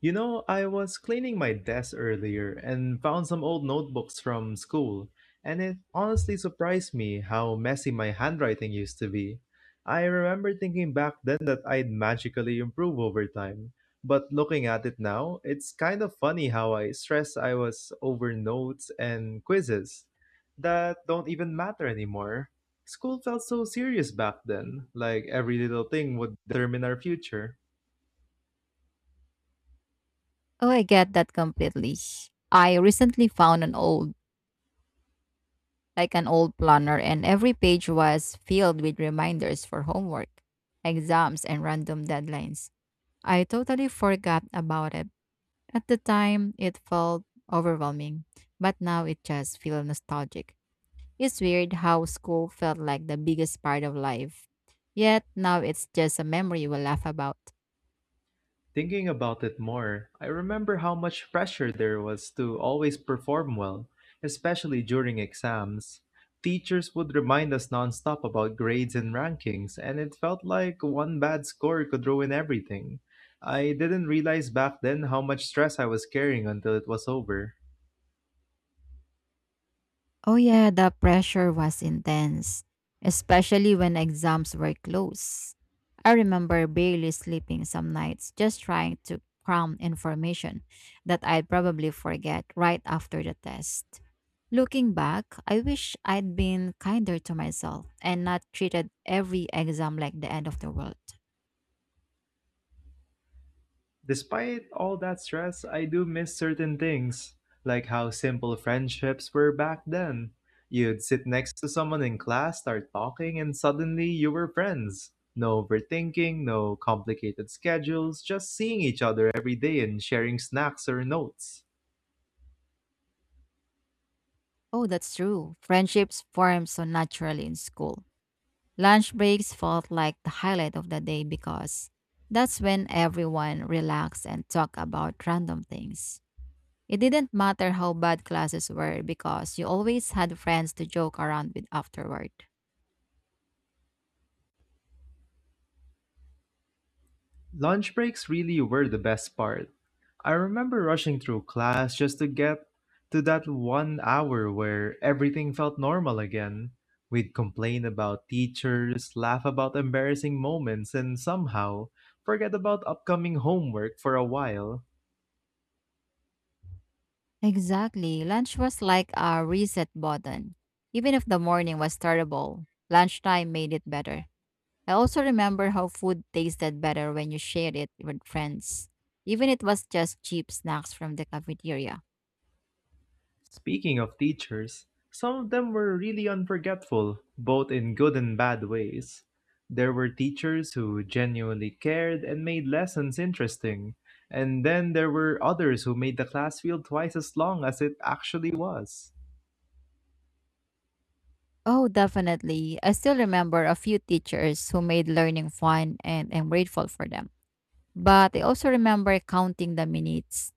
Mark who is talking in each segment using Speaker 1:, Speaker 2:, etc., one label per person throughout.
Speaker 1: You know, I was cleaning my desk earlier and found some old notebooks from school, and it honestly surprised me how messy my handwriting used to be. I remember thinking back then that I'd magically improve over time, but looking at it now, it's kind of funny how I stressed I was over notes and quizzes that don't even matter anymore. School felt so serious back then, like every little thing would determine our future.
Speaker 2: Oh, I get that completely. I recently found an old, like an old planner, and every page was filled with reminders for homework, exams, and random deadlines. I totally forgot about it. At the time, it felt overwhelming, but now it just feels nostalgic. It's weird how school felt like the biggest part of life, yet now it's just a memory we laugh about.
Speaker 1: Thinking about it more, I remember how much pressure there was to always perform well, especially during exams. Teachers would remind us nonstop about grades and rankings, and it felt like one bad score could ruin everything. I didn't realize back then how much stress I was carrying until it was over.
Speaker 2: Oh yeah, the pressure was intense, especially when exams were close. I remember barely sleeping some nights just trying to cram information that I'd probably forget right after the test. Looking back, I wish I'd been kinder to myself and not treated every exam like the end of the world.
Speaker 1: Despite all that stress, I do miss certain things, like how simple friendships were back then. You'd sit next to someone in class, start talking, and suddenly you were friends. No overthinking, no complicated schedules, just seeing each other every day and sharing snacks or notes.
Speaker 2: Oh, that's true. Friendships form so naturally in school. Lunch breaks felt like the highlight of the day because that's when everyone relaxed and talked about random things. It didn't matter how bad classes were because you always had friends to joke around with afterward.
Speaker 1: Lunch breaks really were the best part. I remember rushing through class just to get to that 1 hour where everything felt normal again. We'd complain about teachers, laugh about embarrassing moments, and somehow forget about upcoming homework for a while.
Speaker 2: Exactly. Lunch was like a reset button. Even if the morning was terrible, lunchtime made it better. I also remember how food tasted better when you shared it with friends, even it was just cheap snacks from the cafeteria.
Speaker 1: Speaking of teachers, some of them were really unforgetful, both in good and bad ways. There were teachers who genuinely cared and made lessons interesting, and then there were others who made the class feel twice as long as it actually was.
Speaker 2: Oh, definitely. I still remember a few teachers who made learning fun, and I'm grateful for them. But I also remember counting the minutes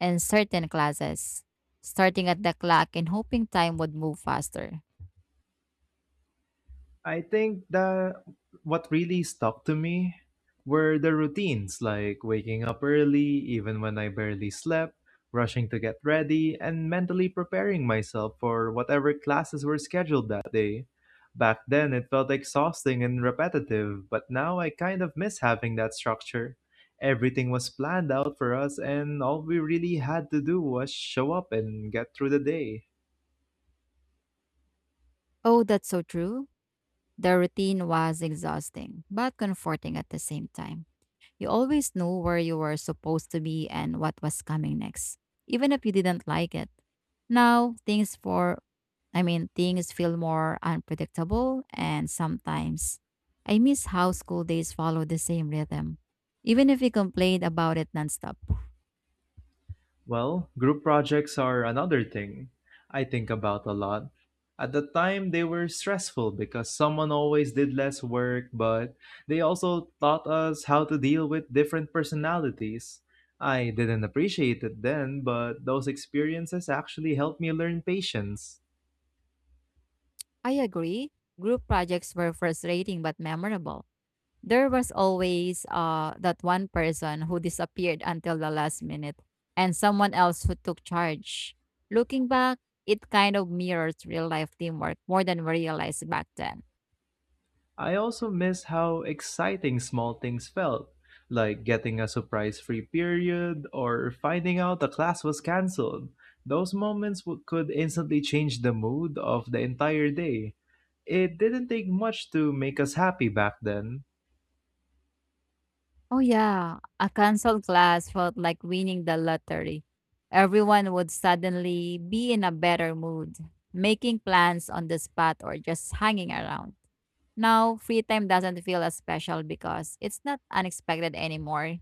Speaker 2: in certain classes, starting at the clock and hoping time would move faster.
Speaker 1: I think that what really stuck to me were the routines, like waking up early, even when I barely slept, rushing to get ready, and mentally preparing myself for whatever classes were scheduled that day. Back then, it felt exhausting and repetitive, but now I kind of miss having that structure. Everything was planned out for us, and all we really had to do was show up and get through the day.
Speaker 2: Oh, that's so true. The routine was exhausting, but comforting at the same time. You always knew where you were supposed to be and what was coming next, even if you didn't like it. Now, things for I mean, things feel more unpredictable, and sometimes I miss how school days follow the same rhythm, even if we complained about it nonstop.
Speaker 1: Well, group projects are another thing I think about a lot. At the time, they were stressful because someone always did less work, but they also taught us how to deal with different personalities. I didn't appreciate it then, but those experiences actually helped me learn patience.
Speaker 2: I agree. Group projects were frustrating but memorable. There was always that one person who disappeared until the last minute and someone else who took charge. Looking back, it kind of mirrors real life teamwork more than we realized back then.
Speaker 1: I also miss how exciting small things felt, like getting a surprise free period or finding out a class was canceled. Those moments could instantly change the mood of the entire day. It didn't take much to make us happy back then.
Speaker 2: Oh, yeah. A canceled class felt like winning the lottery. Everyone would suddenly be in a better mood, making plans on the spot or just hanging around. Now, free time doesn't feel as special because it's not unexpected anymore.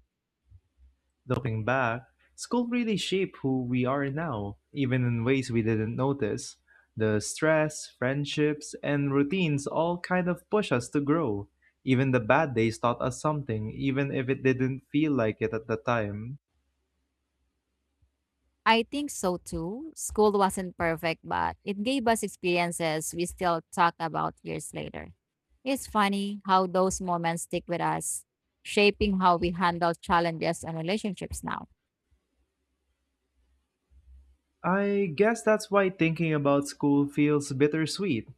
Speaker 1: Looking back, school really shaped who we are now, even in ways we didn't notice. The stress, friendships, and routines all kind of push us to grow. Even the bad days taught us something, even if it didn't feel like it at the time.
Speaker 2: I think so too. School wasn't perfect, but it gave us experiences we still talk about years later. It's funny how those moments stick with us, shaping how we handle challenges and relationships now.
Speaker 1: I guess that's why thinking about school feels bittersweet.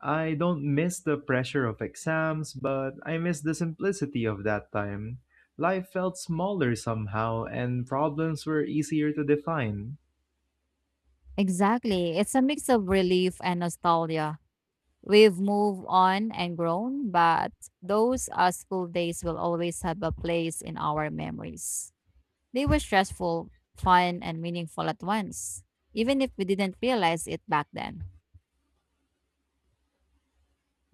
Speaker 1: I don't miss the pressure of exams, but I miss the simplicity of that time. Life felt smaller somehow, and problems were easier to define.
Speaker 2: Exactly. It's a mix of relief and nostalgia. We've moved on and grown, but those school days will always have a place in our memories. They were stressful, fun, and meaningful at once, even if we didn't realize it back then.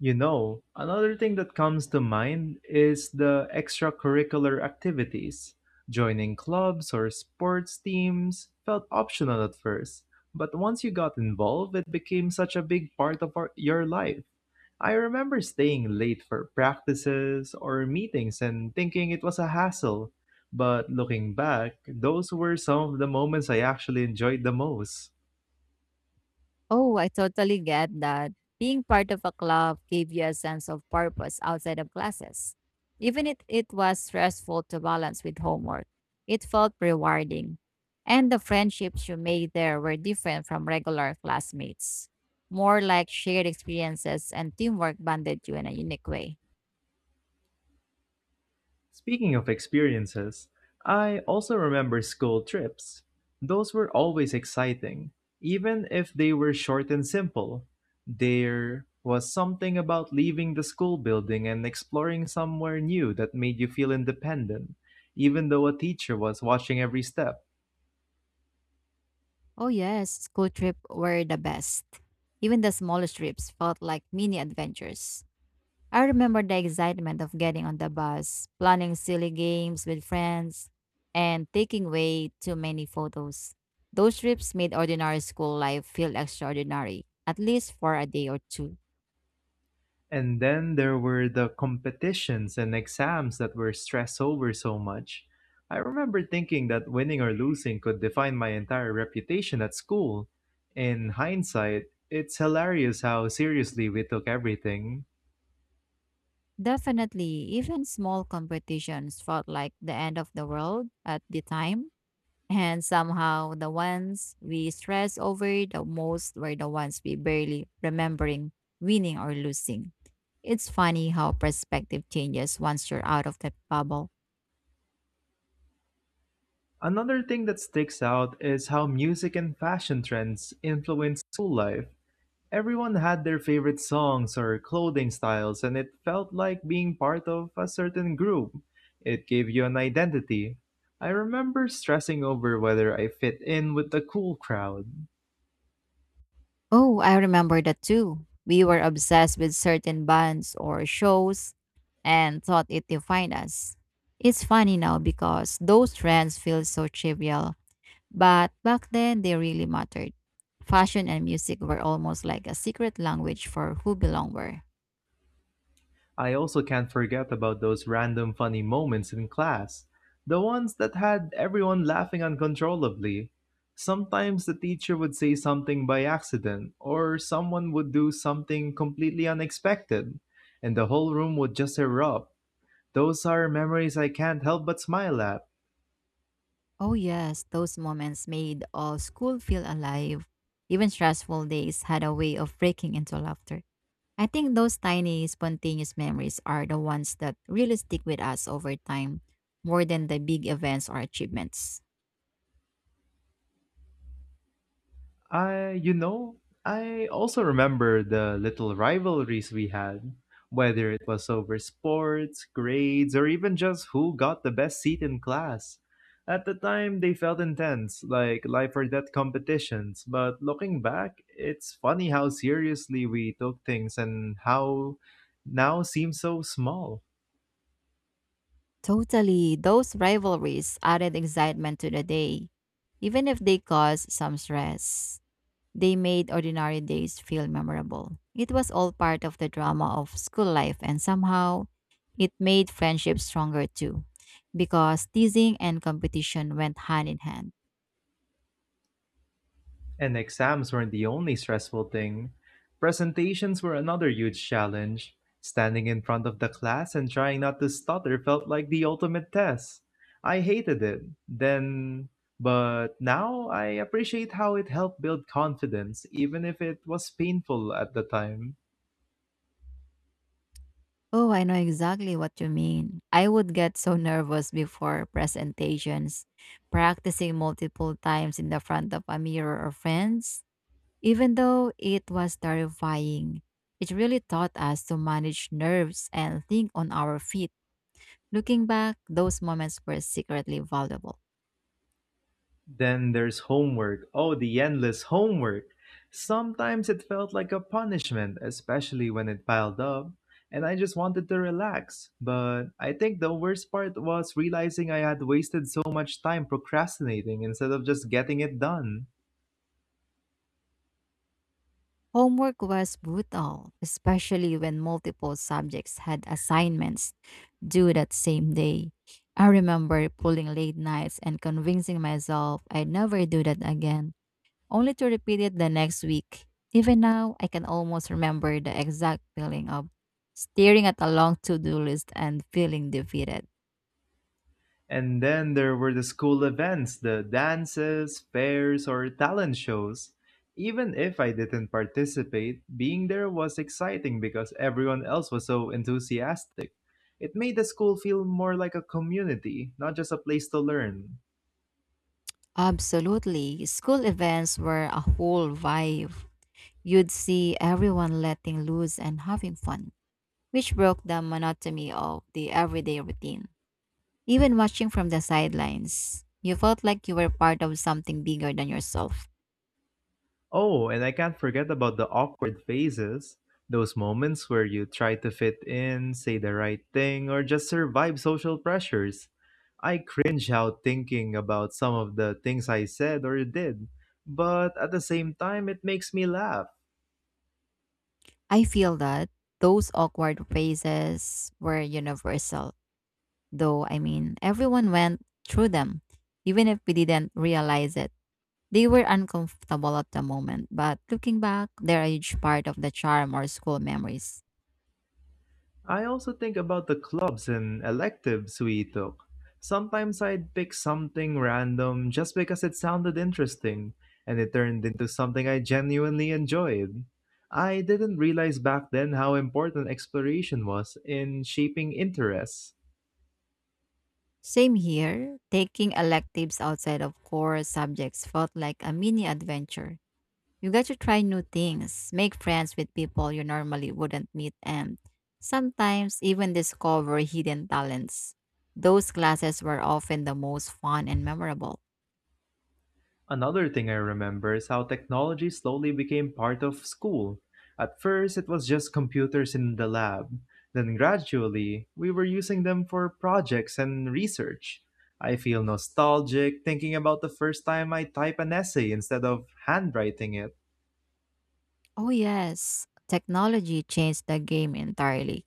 Speaker 1: You know, another thing that comes to mind is the extracurricular activities. Joining clubs or sports teams felt optional at first, but once you got involved, it became such a big part of our, your life. I remember staying late for practices or meetings and thinking it was a hassle, but looking back, those were some of the moments I actually enjoyed the most.
Speaker 2: Oh, I totally get that. Being part of a club gave you a sense of purpose outside of classes. Even if it was stressful to balance with homework, it felt rewarding. And the friendships you made there were different from regular classmates. More like shared experiences and teamwork bonded you in a unique way.
Speaker 1: Speaking of experiences, I also remember school trips. Those were always exciting, even if they were short and simple. There was something about leaving the school building and exploring somewhere new that made you feel independent, even though a teacher was watching every step.
Speaker 2: Oh, yes, school trips were the best. Even the smallest trips felt like mini adventures. I remember the excitement of getting on the bus, planning silly games with friends, and taking way too many photos. Those trips made ordinary school life feel extraordinary, at least for a day or two.
Speaker 1: And then there were the competitions and exams that were stressed over so much. I remember thinking that winning or losing could define my entire reputation at school. In hindsight, it's hilarious how seriously we took everything.
Speaker 2: Definitely, even small competitions felt like the end of the world at the time. And somehow, the ones we stress over the most were the ones we barely remembering winning or losing. It's funny how perspective changes once you're out of that bubble.
Speaker 1: Another thing that sticks out is how music and fashion trends influence school life. Everyone had their favorite songs or clothing styles, and it felt like being part of a certain group. It gave you an identity. I remember stressing over whether I fit in with the cool crowd.
Speaker 2: Oh, I remember that too. We were obsessed with certain bands or shows and thought it defined us. It's funny now because those trends feel so trivial, but back then they really mattered. Fashion and music were almost like a secret language for who belong where.
Speaker 1: I also can't forget about those random funny moments in class, the ones that had everyone laughing uncontrollably. Sometimes the teacher would say something by accident, or someone would do something completely unexpected, and the whole room would just erupt. Those are memories I can't help but smile at.
Speaker 2: Oh, yes, those moments made all school feel alive. Even stressful days had a way of breaking into laughter. I think those tiny, spontaneous memories are the ones that really stick with us over time, more than the big events or achievements.
Speaker 1: I, you know, I also remember the little rivalries we had, whether it was over sports, grades, or even just who got the best seat in class. At the time, they felt intense, like life or death competitions, but looking back, it's funny how seriously we took things and how now seems so small.
Speaker 2: Totally, those rivalries added excitement to the day, even if they caused some stress. They made ordinary days feel memorable. It was all part of the drama of school life, and somehow it made friendships stronger too, because teasing and competition went hand in hand.
Speaker 1: And exams weren't the only stressful thing. Presentations were another huge challenge. Standing in front of the class and trying not to stutter felt like the ultimate test. I hated it. Then, but now I appreciate how it helped build confidence, even if it was painful at the time.
Speaker 2: Oh, I know exactly what you mean. I would get so nervous before presentations, practicing multiple times in the front of a mirror or friends. Even though it was terrifying, it really taught us to manage nerves and think on our feet. Looking back, those moments were secretly valuable.
Speaker 1: Then there's homework. Oh, the endless homework. Sometimes it felt like a punishment, especially when it piled up, and I just wanted to relax. But I think the worst part was realizing I had wasted so much time procrastinating instead of just getting it done.
Speaker 2: Homework was brutal, especially when multiple subjects had assignments due that same day. I remember pulling late nights and convincing myself I'd never do that again, only to repeat it the next week. Even now, I can almost remember the exact feeling of staring at a long to do list and feeling defeated.
Speaker 1: And then there were the school events, the dances, fairs, or talent shows. Even if I didn't participate, being there was exciting because everyone else was so enthusiastic. It made the school feel more like a community, not just a place to learn.
Speaker 2: Absolutely. School events were a whole vibe. You'd see everyone letting loose and having fun, which broke the monotony of the everyday routine. Even watching from the sidelines, you felt like you were part of something bigger than yourself.
Speaker 1: Oh, and I can't forget about the awkward phases. Those moments where you try to fit in, say the right thing, or just survive social pressures. I cringe out thinking about some of the things I said or did, but at the same time, it makes me laugh.
Speaker 2: I feel that those awkward phases were universal, everyone went through them, even if we didn't realize it. They were uncomfortable at the moment, but looking back, they're a huge part of the charm or school memories.
Speaker 1: I also think about the clubs and electives we took. Sometimes I'd pick something random just because it sounded interesting, and it turned into something I genuinely enjoyed. I didn't realize back then how important exploration was in shaping interests.
Speaker 2: Same here, taking electives outside of core subjects felt like a mini adventure. You got to try new things, make friends with people you normally wouldn't meet, and sometimes even discover hidden talents. Those classes were often the most fun and memorable.
Speaker 1: Another thing I remember is how technology slowly became part of school. At first, it was just computers in the lab. Then, gradually, we were using them for projects and research. I feel nostalgic thinking about the first time I type an essay instead of handwriting it.
Speaker 2: Oh, yes, technology changed the game entirely.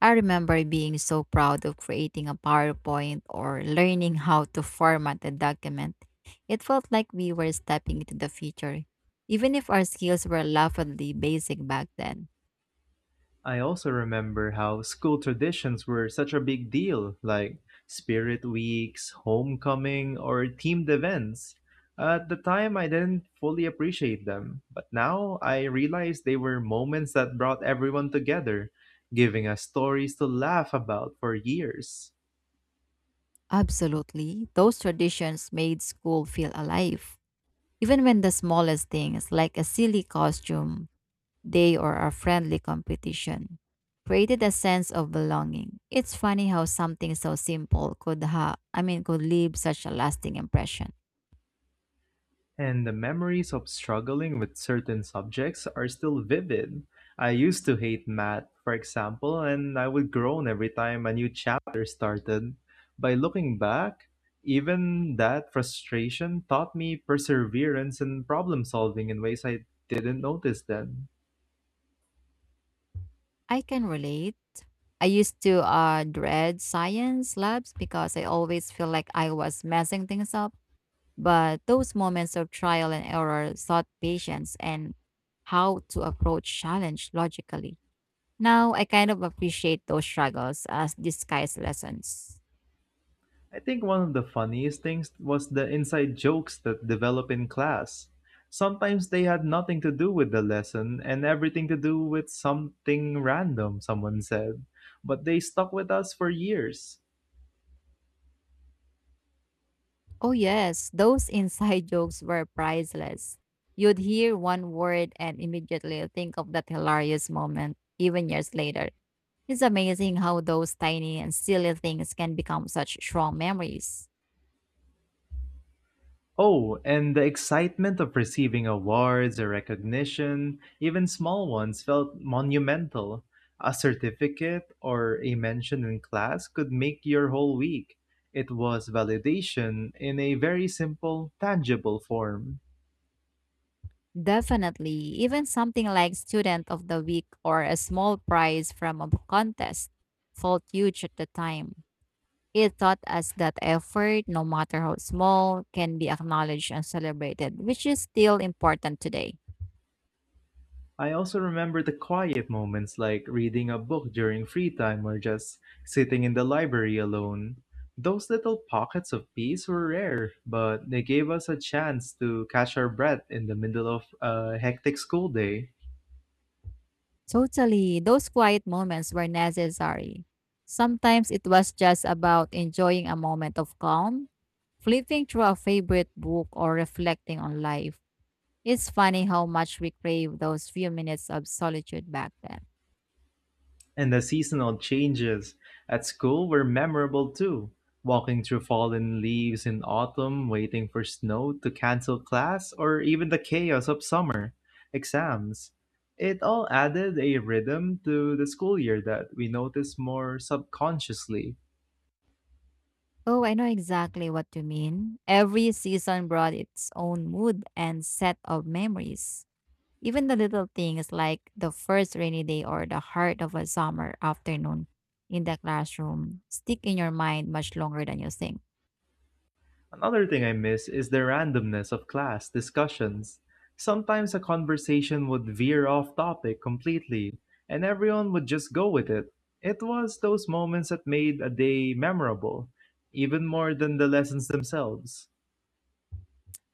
Speaker 2: I remember being so proud of creating a PowerPoint or learning how to format a document. It felt like we were stepping into the future, even if our skills were laughably basic back then.
Speaker 1: I also remember how school traditions were such a big deal, like spirit weeks, homecoming, or teamed events. At the time, I didn't fully appreciate them, but now I realize they were moments that brought everyone together, giving us stories to laugh about for years.
Speaker 2: Absolutely. Those traditions made school feel alive. Even when the smallest things, like a silly costume day or a friendly competition, created a sense of belonging. It's funny how something so simple could ha I mean could leave such a lasting impression.
Speaker 1: And the memories of struggling with certain subjects are still vivid. I used to hate math, for example, and I would groan every time a new chapter started. By looking back, even that frustration taught me perseverance and problem solving in ways I didn't notice then.
Speaker 2: I can relate. I used to dread science labs because I always feel like I was messing things up. But those moments of trial and error taught patience and how to approach challenge logically. Now I kind of appreciate those struggles as disguised lessons.
Speaker 1: I think one of the funniest things was the inside jokes that develop in class. Sometimes they had nothing to do with the lesson and everything to do with something random someone said, but they stuck with us for years.
Speaker 2: Oh yes, those inside jokes were priceless. You'd hear one word and immediately think of that hilarious moment, even years later. It's amazing how those tiny and silly things can become such strong memories.
Speaker 1: Oh, and the excitement of receiving awards or recognition, even small ones, felt monumental. A certificate or a mention in class could make your whole week. It was validation in a very simple, tangible form.
Speaker 2: Definitely. Even something like Student of the Week or a small prize from a contest felt huge at the time. It taught us that effort, no matter how small, can be acknowledged and celebrated, which is still important today.
Speaker 1: I also remember the quiet moments like reading a book during free time or just sitting in the library alone. Those little pockets of peace were rare, but they gave us a chance to catch our breath in the middle of a hectic school day.
Speaker 2: Totally. Those quiet moments were necessary. Sometimes it was just about enjoying a moment of calm, flipping through a favorite book, or reflecting on life. It's funny how much we crave those few minutes of solitude back then.
Speaker 1: And the seasonal changes at school were memorable too. Walking through fallen leaves in autumn, waiting for snow to cancel class, or even the chaos of summer exams. It all added a rhythm to the school year that we noticed more subconsciously.
Speaker 2: Oh, I know exactly what you mean. Every season brought its own mood and set of memories. Even the little things like the first rainy day or the heart of a summer afternoon in the classroom stick in your mind much longer than you think.
Speaker 1: Another thing I miss is the randomness of class discussions. Sometimes a conversation would veer off topic completely, and everyone would just go with it. It was those moments that made a day memorable, even more than the lessons themselves.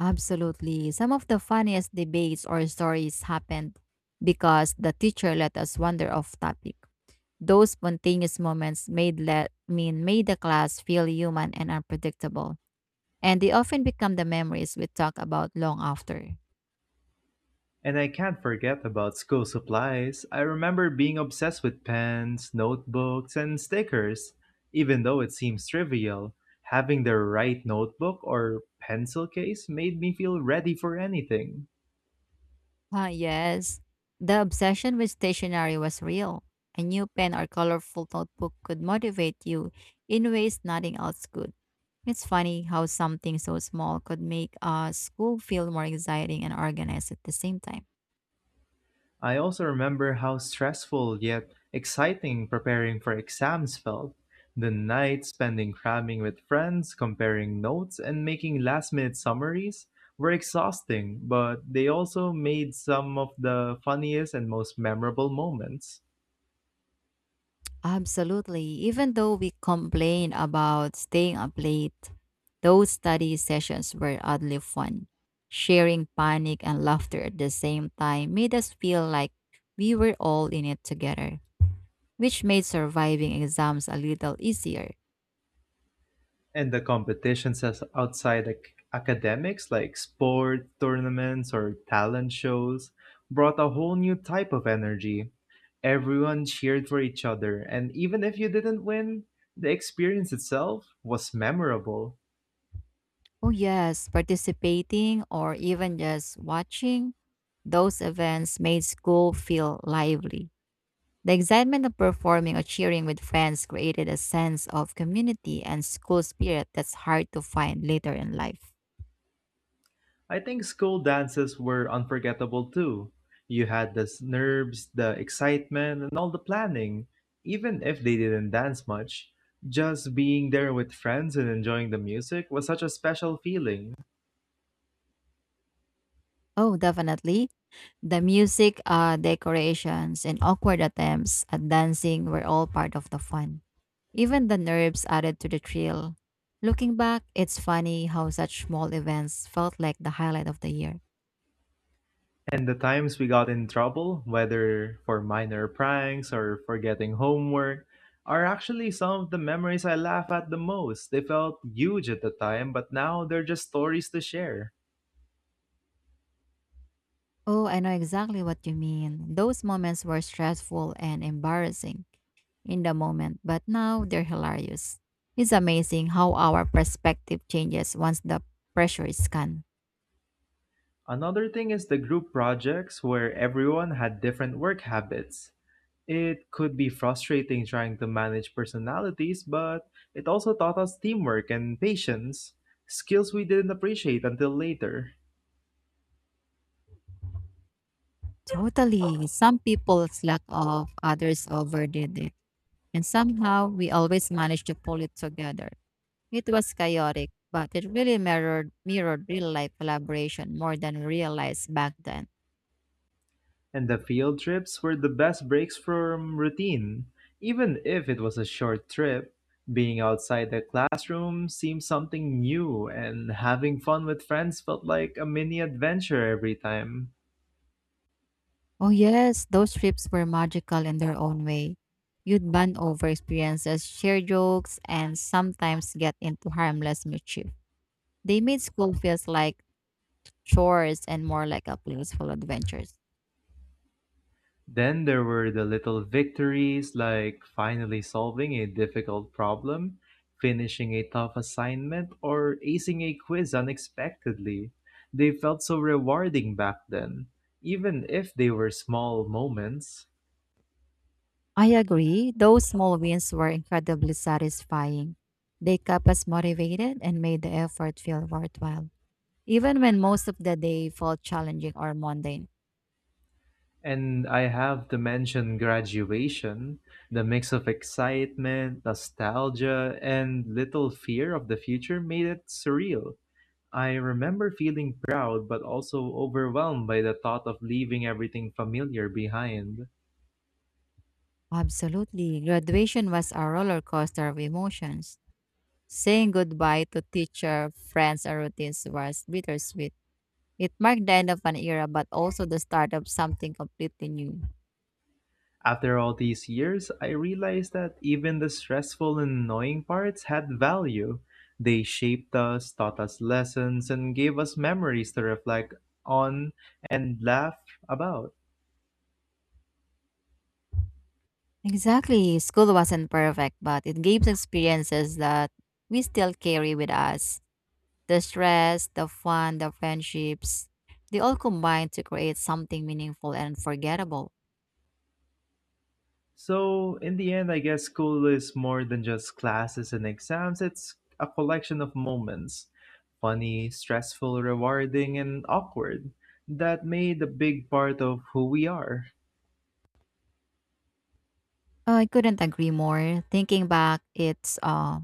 Speaker 2: Absolutely. Some of the funniest debates or stories happened because the teacher let us wander off topic. Those spontaneous moments made let mean made the class feel human and unpredictable. And they often become the memories we talk about long after.
Speaker 1: And I can't forget about school supplies. I remember being obsessed with pens, notebooks, and stickers, even though it seems trivial. Having the right notebook or pencil case made me feel ready for anything.
Speaker 2: Ah, yes. The obsession with stationery was real. A new pen or colorful notebook could motivate you in ways nothing else could. It's funny how something so small could make a school feel more exciting and organized at the same time.
Speaker 1: I also remember how stressful yet exciting preparing for exams felt. The nights spending cramming with friends, comparing notes, and making last minute summaries were exhausting, but they also made some of the funniest and most memorable moments.
Speaker 2: Absolutely. Even though we complain about staying up late, those study sessions were oddly fun. Sharing panic and laughter at the same time made us feel like we were all in it together, which made surviving exams a little easier.
Speaker 1: And the competitions as outside academics, like sport tournaments or talent shows, brought a whole new type of energy. Everyone cheered for each other, and even if you didn't win, the experience itself was memorable.
Speaker 2: Oh, yes, participating or even just watching those events made school feel lively. The excitement of performing or cheering with friends created a sense of community and school spirit that's hard to find later in life.
Speaker 1: I think school dances were unforgettable too. You had the nerves, the excitement, and all the planning. Even if they didn't dance much, just being there with friends and enjoying the music was such a special feeling.
Speaker 2: Oh, definitely. The music, decorations, and awkward attempts at dancing were all part of the fun. Even the nerves added to the thrill. Looking back, it's funny how such small events felt like the highlight of the year.
Speaker 1: And the times we got in trouble, whether for minor pranks or for getting homework, are actually some of the memories I laugh at the most. They felt huge at the time, but now they're just stories to share.
Speaker 2: Oh, I know exactly what you mean. Those moments were stressful and embarrassing in the moment, but now they're hilarious. It's amazing how our perspective changes once the pressure is gone.
Speaker 1: Another thing is the group projects where everyone had different work habits. It could be frustrating trying to manage personalities, but it also taught us teamwork and patience, skills we didn't appreciate until later.
Speaker 2: Totally. Some people slack off, others overdid it. And somehow we always managed to pull it together. It was chaotic, but it really mirrored real life collaboration more than we realized back then.
Speaker 1: And the field trips were the best breaks from routine. Even if it was a short trip, being outside the classroom seemed something new, and having fun with friends felt like a mini adventure every time.
Speaker 2: Oh yes, those trips were magical in their own way. You'd bond over experiences, share jokes, and sometimes get into harmless mischief. They made school feels like chores and more like a playful adventures.
Speaker 1: Then there were the little victories, like finally solving a difficult problem, finishing a tough assignment, or acing a quiz unexpectedly. They felt so rewarding back then, even if they were small moments.
Speaker 2: I agree. Those small wins were incredibly satisfying. They kept us motivated and made the effort feel worthwhile, even when most of the day felt challenging or mundane.
Speaker 1: And I have to mention graduation, the mix of excitement, nostalgia, and little fear of the future made it surreal. I remember feeling proud but also overwhelmed by the thought of leaving everything familiar behind.
Speaker 2: Absolutely. Graduation was a roller coaster of emotions. Saying goodbye to teacher, friends, and routines was bittersweet. It marked the end of an era, but also the start of something completely new.
Speaker 1: After all these years, I realized that even the stressful and annoying parts had value. They shaped us, taught us lessons, and gave us memories to reflect on and laugh about.
Speaker 2: Exactly. School wasn't perfect, but it gave us experiences that we still carry with us. The stress, the fun, the friendships, they all combine to create something meaningful and unforgettable.
Speaker 1: So, in the end, I guess school is more than just classes and exams. It's a collection of moments, funny, stressful, rewarding, and awkward, that made a big part of who we are.
Speaker 2: I couldn't agree more. Thinking back, it's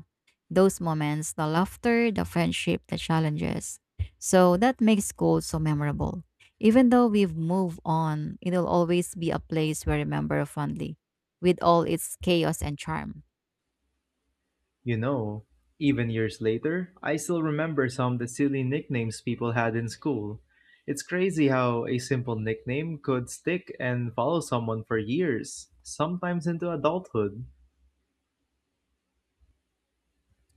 Speaker 2: those moments, the laughter, the friendship, the challenges. So that makes school so memorable. Even though we've moved on, it'll always be a place we remember fondly, with all its chaos and charm.
Speaker 1: You know, even years later, I still remember some of the silly nicknames people had in school. It's crazy how a simple nickname could stick and follow someone for years, sometimes into adulthood.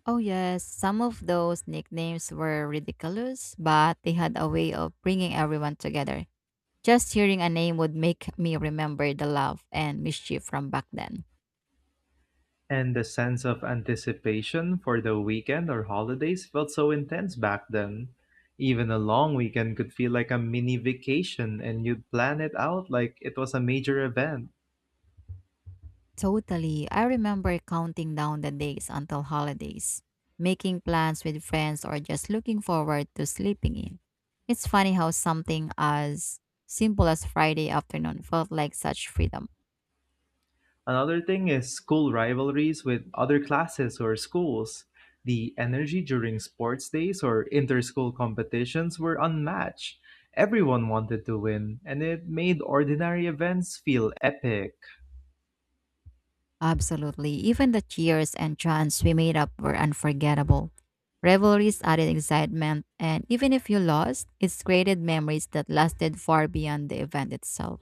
Speaker 2: Oh, yes, some of those nicknames were ridiculous, but they had a way of bringing everyone together. Just hearing a name would make me remember the love and mischief from back then.
Speaker 1: And the sense of anticipation for the weekend or holidays felt so intense back then. Even a long weekend could feel like a mini vacation, and you'd plan it out like it was a major event.
Speaker 2: Totally. I remember counting down the days until holidays, making plans with friends, or just looking forward to sleeping in. It's funny how something as simple as Friday afternoon felt like such freedom.
Speaker 1: Another thing is school rivalries with other classes or schools. The energy during sports days or inter school competitions were unmatched. Everyone wanted to win, and it made ordinary events feel epic.
Speaker 2: Absolutely. Even the cheers and chants we made up were unforgettable. Revelries added excitement, and even if you lost, it created memories that lasted far beyond the event itself.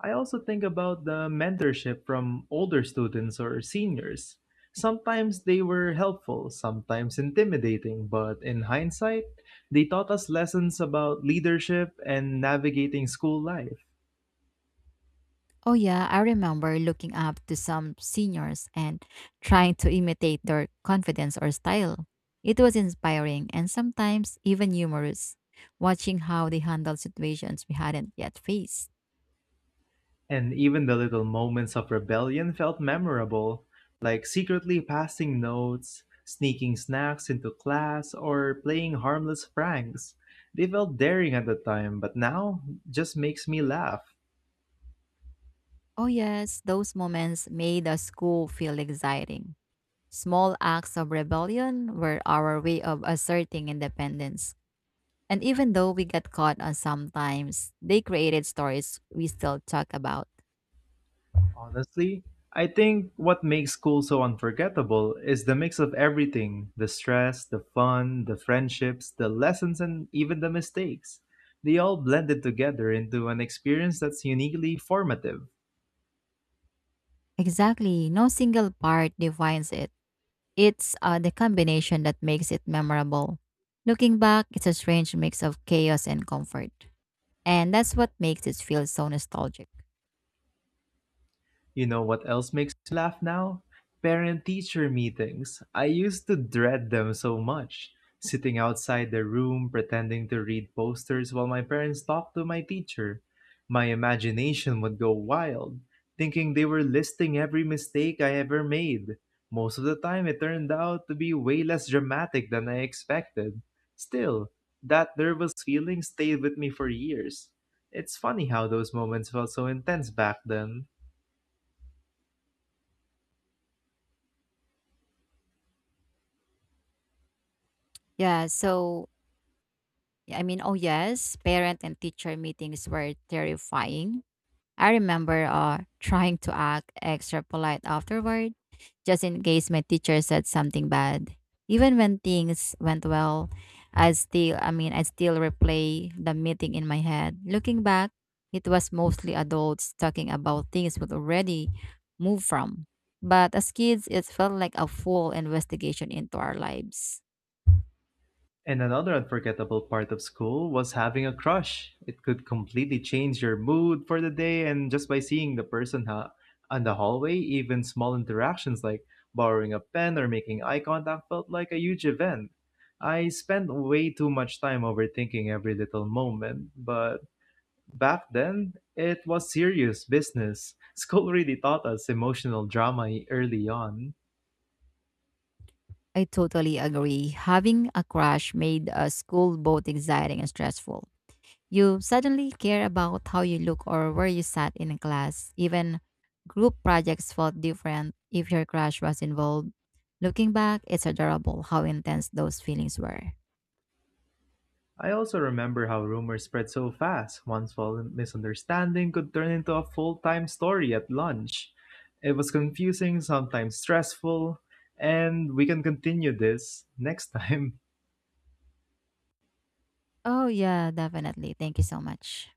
Speaker 1: I also think about the mentorship from older students or seniors. Sometimes they were helpful, sometimes intimidating, but in hindsight, they taught us lessons about leadership and navigating school life.
Speaker 2: Oh, yeah, I remember looking up to some seniors and trying to imitate their confidence or style. It was inspiring and sometimes even humorous, watching how they handled situations we hadn't yet faced.
Speaker 1: And even the little moments of rebellion felt memorable, like secretly passing notes, sneaking snacks into class, or playing harmless pranks. They felt daring at the time, but now just makes me laugh.
Speaker 2: Oh, yes, those moments made the school feel exciting. Small acts of rebellion were our way of asserting independence. And even though we got caught on sometimes, they created stories we still talk about.
Speaker 1: Honestly, I think what makes school so unforgettable is the mix of everything, the stress, the fun, the friendships, the lessons, and even the mistakes. They all blended together into an experience that's uniquely formative.
Speaker 2: Exactly. No single part defines it. It's the combination that makes it memorable. Looking back, it's a strange mix of chaos and comfort. And that's what makes it feel so nostalgic.
Speaker 1: You know what else makes me laugh now? Parent teacher meetings. I used to dread them so much. Sitting outside the room, pretending to read posters while my parents talked to my teacher. My imagination would go wild, thinking they were listing every mistake I ever made. Most of the time, it turned out to be way less dramatic than I expected. Still, that nervous feeling stayed with me for years. It's funny how those moments felt so intense back then.
Speaker 2: Yeah, so, oh yes, parent and teacher meetings were terrifying. I remember trying to act extra polite afterward, just in case my teacher said something bad. Even when things went well, I still replay the meeting in my head. Looking back, it was mostly adults talking about things we'd already moved from. But as kids, it felt like a full investigation into our lives.
Speaker 1: And another unforgettable part of school was having a crush. It could completely change your mood for the day, and just by seeing the person on the hallway, even small interactions like borrowing a pen or making eye contact felt like a huge event. I spent way too much time overthinking every little moment, but back then, it was serious business. School really taught us emotional drama early on.
Speaker 2: I totally agree. Having a crash made school both exciting and stressful. You suddenly care about how you look or where you sat in a class. Even group projects felt different if your crush was involved. Looking back, it's adorable how intense those feelings were.
Speaker 1: I also remember how rumors spread so fast. One small misunderstanding could turn into a full time story at lunch. It was confusing, sometimes stressful, and we can continue this next time.
Speaker 2: Oh, yeah, definitely. Thank you so much.